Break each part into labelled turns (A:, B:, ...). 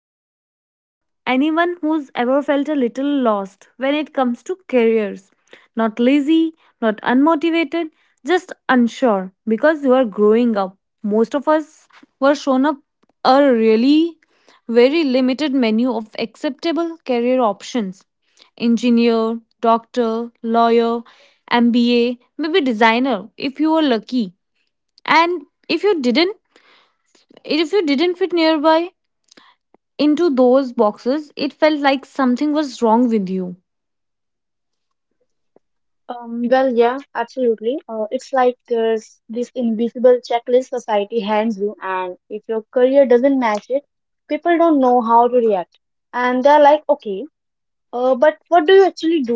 A: episode is for anyone who's ever felt a little lost when it comes to careers. Not lazy, not unmotivated, just unsure because you are growing up. Most of us were shown up a really very limited menu of acceptable career options. Engineer, doctor, lawyer, MBA, maybe designer if you were lucky. And if you didn't fit nearby into those boxes, it felt like something was wrong with you.
B: Yeah, absolutely. It's like there's this invisible checklist society hands you, and if your career doesn't match it, people don't know how to react. And they're like, okay, but what do you actually do?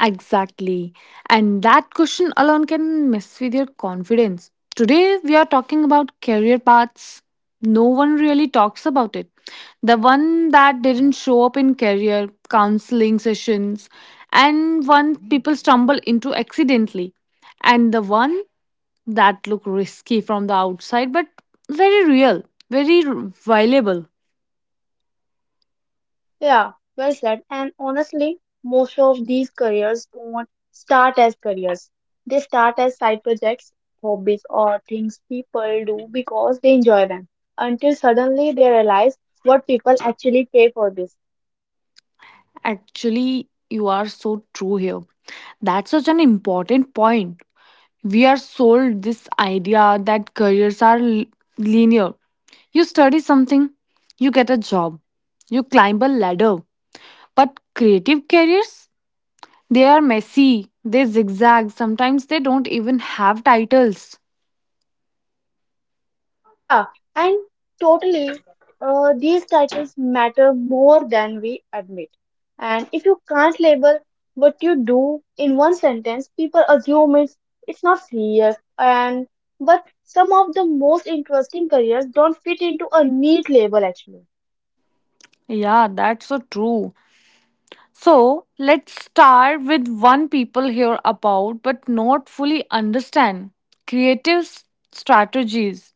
A: Exactly. And that question alone can mess with your confidence. Today, we are talking about career paths. No one really talks about it. The one that didn't show up in career counseling sessions, and one people stumble into accidentally, and the one that look risky from the outside but very real, very r- viable.
B: Yeah, well said. And honestly, most of these careers don't start as careers, they start as side projects, hobbies, or things people do because they enjoy them until suddenly they realize what people actually pay for this.
A: Actually, you are so true here. That's such an important point. We are sold this idea that careers are linear. You study something, you get a job, you climb a ladder. But creative careers, they are messy, they zigzag, sometimes they don't even have titles.
B: Yeah, and totally, these titles matter more than we admit. And if you can't label what you do in one sentence, people assume it's not serious. And but some of the most interesting careers don't fit into a neat label actually.
A: Yeah, that's so true. So let's start with one people hear about but not fully understand creative strategies.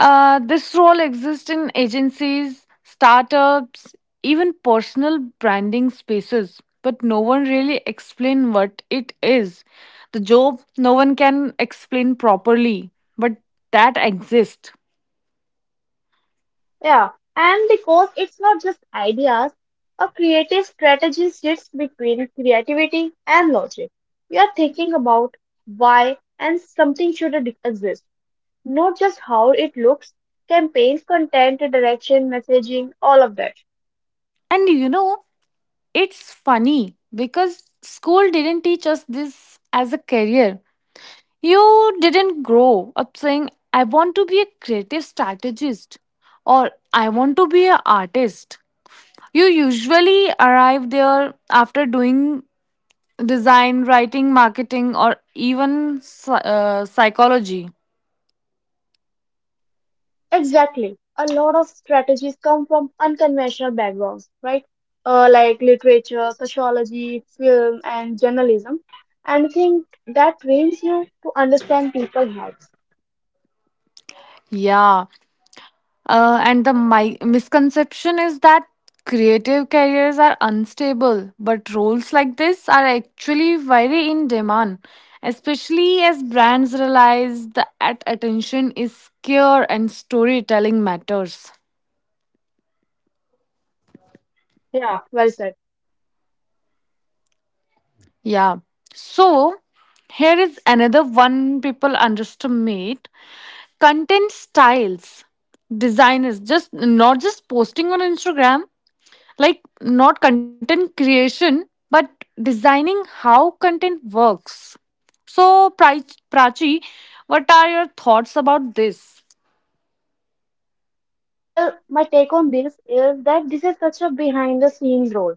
A: This role exists in agencies, startups, even personal branding spaces, but no one really explain what it is. The job no one can explain properly, but that exists.
B: Yeah, and because it's not just ideas, a creative strategy sits between creativity and logic. You are thinking about why and something should exist. Not just how it looks, campaigns, content, direction, messaging, all of that.
A: And you know, it's funny because school didn't teach us this as a career. You didn't grow up saying, I want to be a creative strategist or I want to be an artist. You usually arrive there after doing design, writing, marketing, or even psychology.
B: Exactly. A lot of strategies come from unconventional backgrounds, right? Like literature, sociology, film, and journalism. And I think that trains you to understand people's hearts.
A: Yeah. And the misconception is that creative careers are unstable, but roles like this are actually very in demand, especially as brands realize that attention is scarce and storytelling matters.
B: Yeah, well said.
A: Yeah. So, here is another one people underestimate, content styles. Designers just not just posting on Instagram, like not content creation but designing how content works. So prachi, what are your thoughts about this?
B: Well, my take on this is that this is such a behind the scenes role,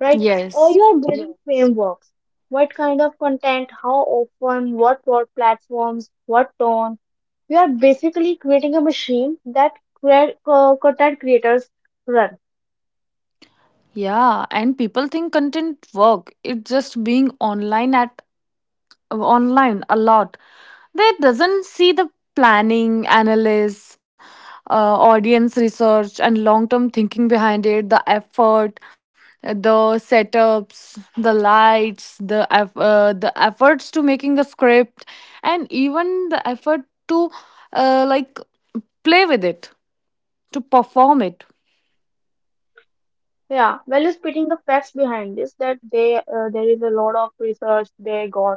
B: right? Or
A: Yes.
B: you are building frameworks. What kind of content, how often, what platforms, what tone. We are basically creating a machine that content creators run.
A: Yeah, and people think content work it's just being online a lot. They doesn't see the planning, analysis, audience research, and long term thinking behind it, the effort, the setups, the lights, the the efforts to making a script, and even the effort to, like, play with it to perform it.
B: Yeah, well, you're spitting the facts behind this that they there is a lot of research they got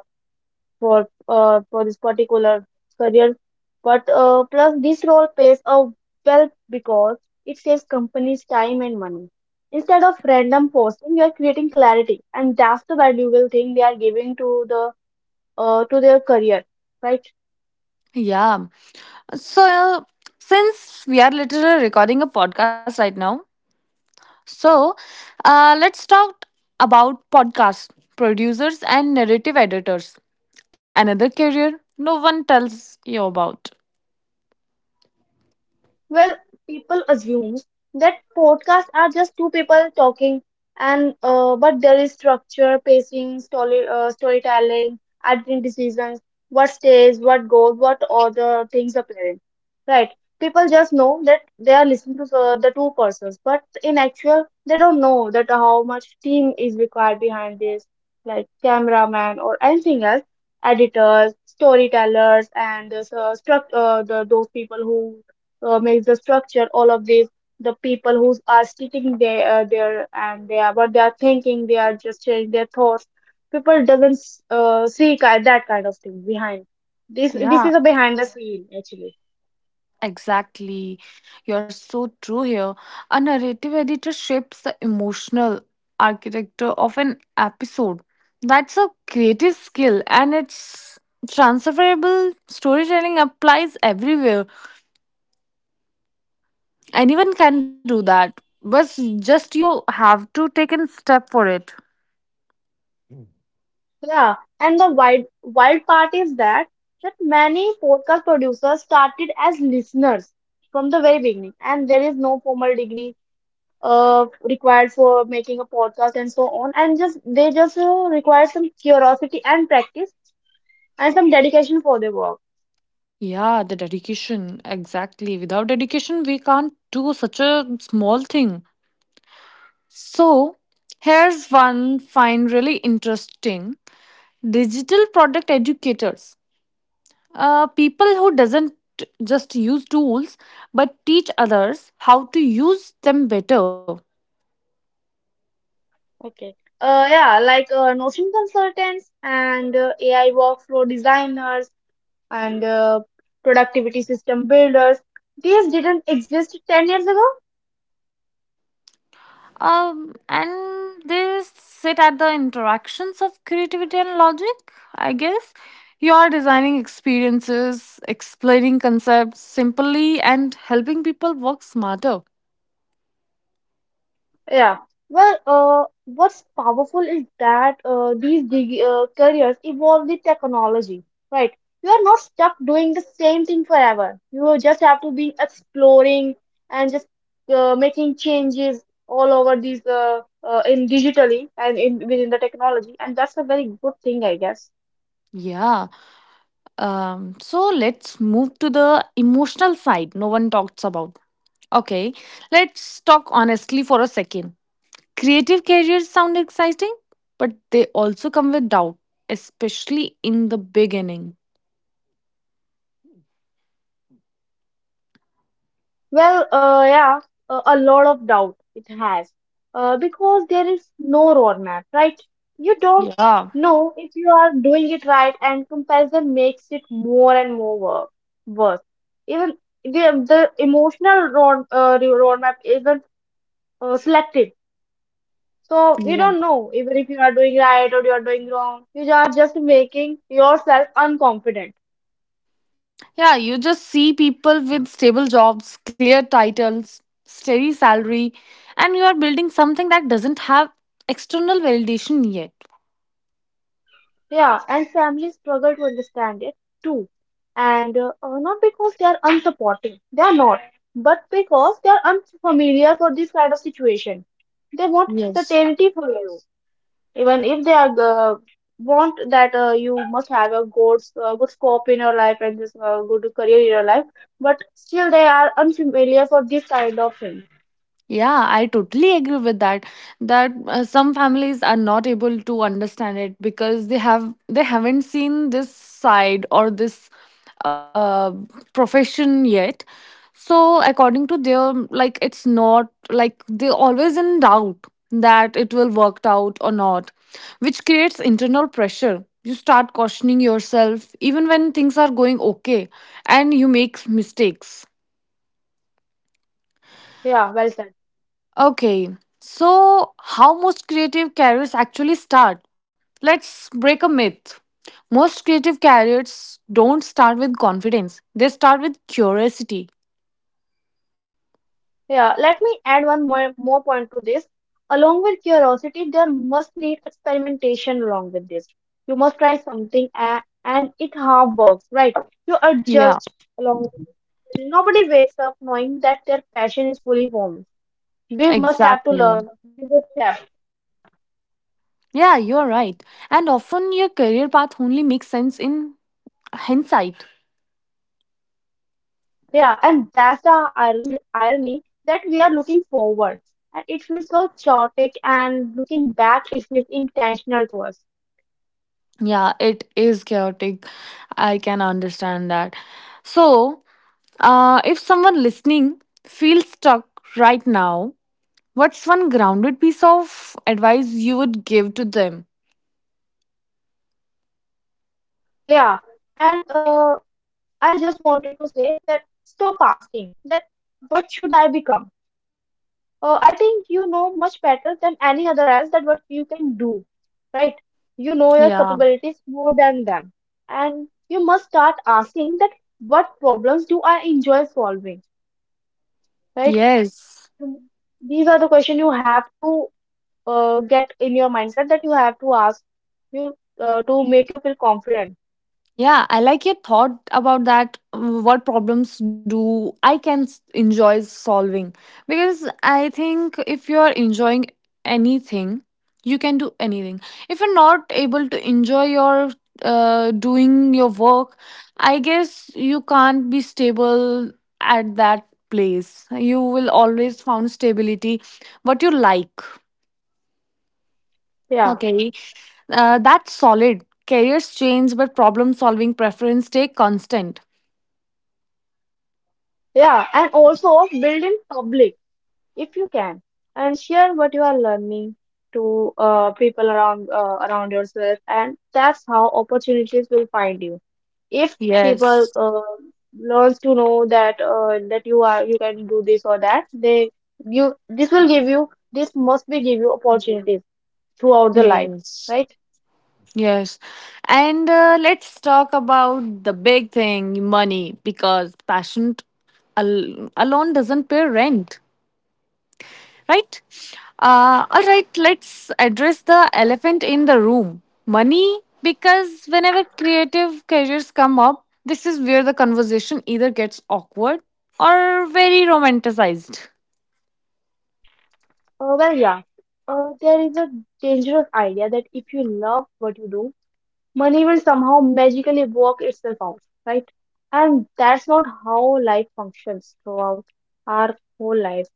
B: for this particular career. But plus this role pays a well because it saves companies time and money. Instead of random posting, you are creating clarity, and that's the valuable thing they are giving to the to their career, right?
A: Yeah. So since we are literally recording a podcast right now, so, let's talk about podcast producers and narrative editors. Another career no one tells you about.
B: Well, people assume that podcasts are just two people talking, and but there is structure, pacing, storytelling, editing decisions, what stays, what goes, what other things appearing. Right? People just know that they are listening to the two persons, but in actual, they don't know that how much team is required behind this, like cameraman or anything else, editors, storytellers, and the, those people who makes the structure all of these, the people who are sitting there and they are what they are thinking they are just sharing their thoughts people doesn't see that kind of thing behind this. This is a
A: Yeah,
B: behind the scene actually.
A: exactly. You're so true here. A narrative editor shapes the emotional architecture of an episode. That's a creative skill and it's transferable. Storytelling applies everywhere. Anyone can do that. But just you have to take a step for it.
B: Yeah, and the wild part is that that many podcast producers started as listeners from the very beginning and there is no formal degree required for making a podcast and so on and just they just require some curiosity and practice and some dedication for their work.
A: Yeah, the dedication. Exactly. Without dedication, we can't do such a small thing. So, here's one find really interesting. Digital product educators. People who doesn't just use tools but teach others how to use them better.
B: Okay. Notion consultants and AI workflow designers and productivity system builders. These didn't exist 10 years ago.
A: And they sit at the interactions of creativity and logic, I guess. You are designing experiences, explaining concepts simply, and helping people work smarter.
B: Yeah. Well, what's powerful is that these dig careers evolve the technology, right? You are not stuck doing the same thing forever. You just have to be exploring and just making changes all over these in digitally and in within the technology, and that's a very good thing, I guess.
A: Yeah. So let's move to the emotional side no one talks about. Okay, let's talk honestly for a second. Creative careers sound exciting, but they also come with doubt, especially in the beginning.
B: Well, yeah, a lot of doubt it has, because there is no roadmap, right? You don't
A: Yeah.
B: know if you are doing it right, and comparison makes it more and more work, worse. Even the emotional the roadmap isn't selective, so you don't
A: Yeah.
B: know even if you are doing right or you are doing wrong. You are just making yourself unconfident.
A: Yeah, you just see people with stable jobs, clear titles, steady salary, and you are building something that doesn't have external validation yet.
B: Yeah, and families struggle to understand it too. And not because they are unsupporting, they are not, but because they are unfamiliar for this kind of situation. They want
A: Yes.
B: certainty for you, even if they are want that you must have a good scope in your life and this good career in your life, but still they are unfamiliar for this kind of thing.
A: Yeah, I totally agree with that. That some families are not able to understand it because they haven't seen this side or this uh, profession yet. So according to their, like, it's not like they always in doubt that it will work out or not, which creates internal pressure. You start questioning yourself even when things are going okay, and you make mistakes.
B: Yeah, well said.
A: Okay, so how most creative careers actually start? Let's break a myth. Most creative careers don't start with confidence, they start with curiosity.
B: Yeah, let me add more point to this. Along with curiosity, there must need experimentation along with this. You must try something and it how works, right? You
A: Yeah,
B: adjust along. Nobody wakes up knowing that their passion is fully formed. We must have to
A: exactly.
B: learn. There is a step.
A: Yeah, you're right. And often your career path only makes sense in hindsight.
B: Yeah, and that's the irony that we are looking forward. And it feels so chaotic and looking back, it feels intentional to us.
A: Yeah, it is chaotic. I can understand that. So, if someone listening feels stuck right now, what's one grounded piece of advice you would give to them?
B: Yeah. And I just wanted to say that stop asking that what should I become? I think you know much better than any other else that what you can do, right? You know your
A: Yeah.
B: capabilities more than them. And you must start asking that what problems do I enjoy solving, right?
A: Yes.
B: These are the questions you have to get in your mindset that you have to ask you to make you feel confident.
A: Yeah, I like your thought about that. What problems do I can enjoy solving? Because I think if you're enjoying anything, you can do anything. If you're not able to enjoy your doing your work, I guess you can't be stable at that place. You will always find stability what you like.
B: Yeah.
A: Okay, that's solid. Careers change, but problem solving preference stay constant.
B: Yeah. And also build in public. If you can and share what you are learning to people around yourself and that's how opportunities will find you if people
A: Yes,
B: learns to know that that you are you can do this or that they you this will give you this must be give you opportunities throughout the life,
A: yes,
B: right?
A: yes. And let's talk about the big thing money, because passion alone doesn't pay rent, right? All right, let's address the
B: Yeah.
A: elephant in the room, money. Because whenever creative careers come up, this is where the conversation either gets awkward or very romanticized.
B: Well, yeah, there is a dangerous idea that if you love what you do money will somehow magically work itself out, right? And that's not how life functions throughout our whole life.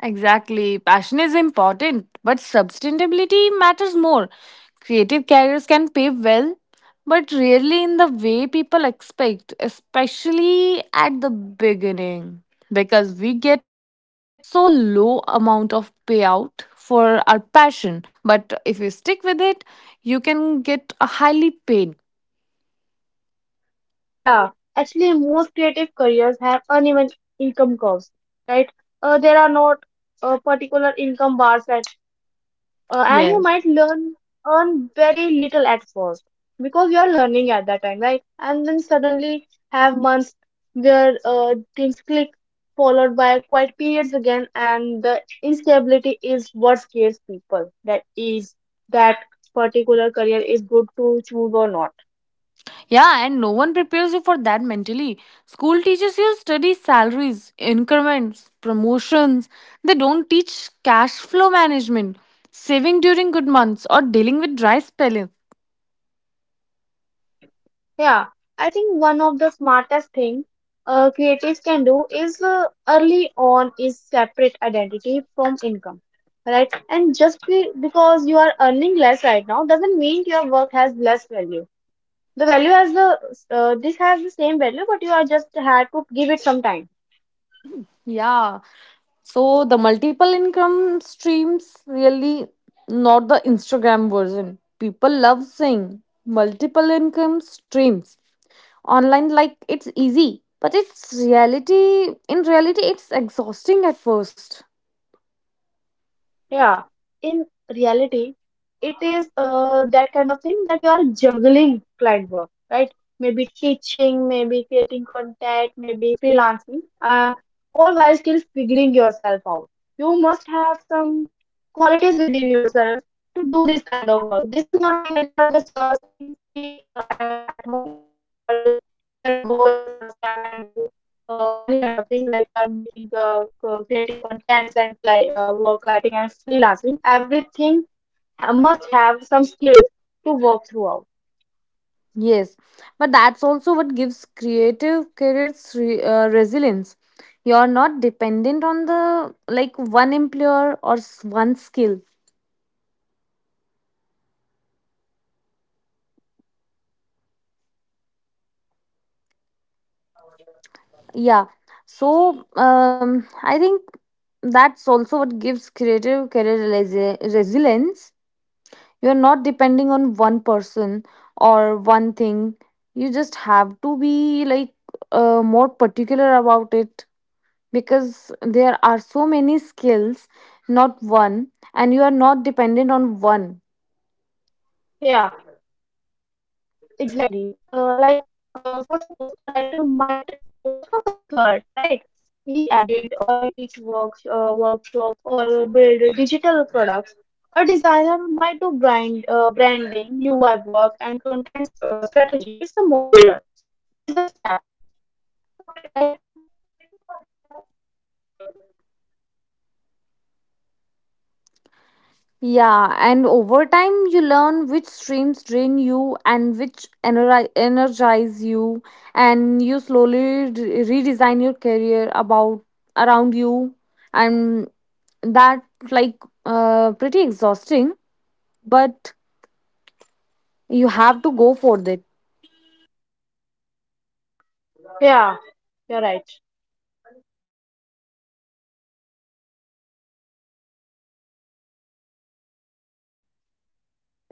A: Exactly. Passion is important, but sustainability matters more. Creative careers can pay well, but rarely in the way people expect, especially at the beginning, because we get so low amount of payout for our passion. But if you stick with it, you can get a highly paid.
B: Yeah, actually, most creative careers have uneven income curves, right? There are not particular income bars that. And you
A: Yes.
B: might learn earn very little at first because you're learning at that time, right? And then suddenly have months where things click followed by quiet periods again and the instability is what scares people that is that particular career is good to choose or not.
A: Yeah, and no one prepares you for that mentally. School teaches you study salaries, increments, promotions. They don't teach cash flow management, saving during good months, or dealing with dry spelling.
B: Yeah, I think one of the smartest thing creatives can do is early on is separate identity from income, right? And just be, because you are earning less right now doesn't mean your work has less value. The value has the this has the same value, but you are just had to give it some time.
A: Yeah. So the multiple income streams really, not the Instagram version. People love saying multiple income streams online like it's easy, but it's reality in reality it's exhausting at first.
B: Yeah, in reality, it is that kind of thing that you are juggling client work, right? Maybe teaching, maybe creating content, maybe freelancing, all while still figuring yourself out. You must have some qualities within yourself to do this kind of work. This is not like that you are just sitting free at home and you are just you can go in front of camera and do any kind of thing like you are making creating contents and cli work lighting and freelancing everything must have some skills to work throughout.
A: Yes, but that's also what gives creative careers resilience. You're not dependent on, the like, one employer or one skill. Yeah. So I think that's also what gives creative career resilience. You're not depending on one person or one thing. You just have to be like more particular about it, because there are so many skills, not one, and you are not dependent on one.
B: Yeah, exactly. For suppose a writer might also consult, right? He added or he teach works, workshops or build digital products. A designer might do branding, UI work, and content strategy. It's a modular. There's a step, right?
A: Yeah, and over time you learn which streams drain you and which energize you, and you slowly redesign your career about around you, and that, like, pretty exhausting, but you have to go for it.
B: Yeah, you're right.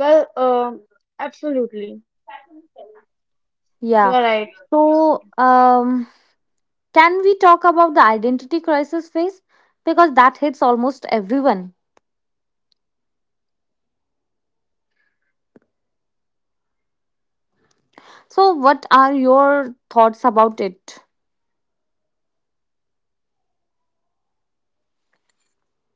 B: Well, absolutely, you
A: Yeah.
B: are right.
A: So, um can we talk about the identity crisis phase? Because that hits almost everyone.
B: Yeah, oh, absolutely, actually. Especially when people ask, so
A: So,
B: what
A: what
B: do you
A: are
B: do?
A: your thoughts about it?
B: Yeah, like people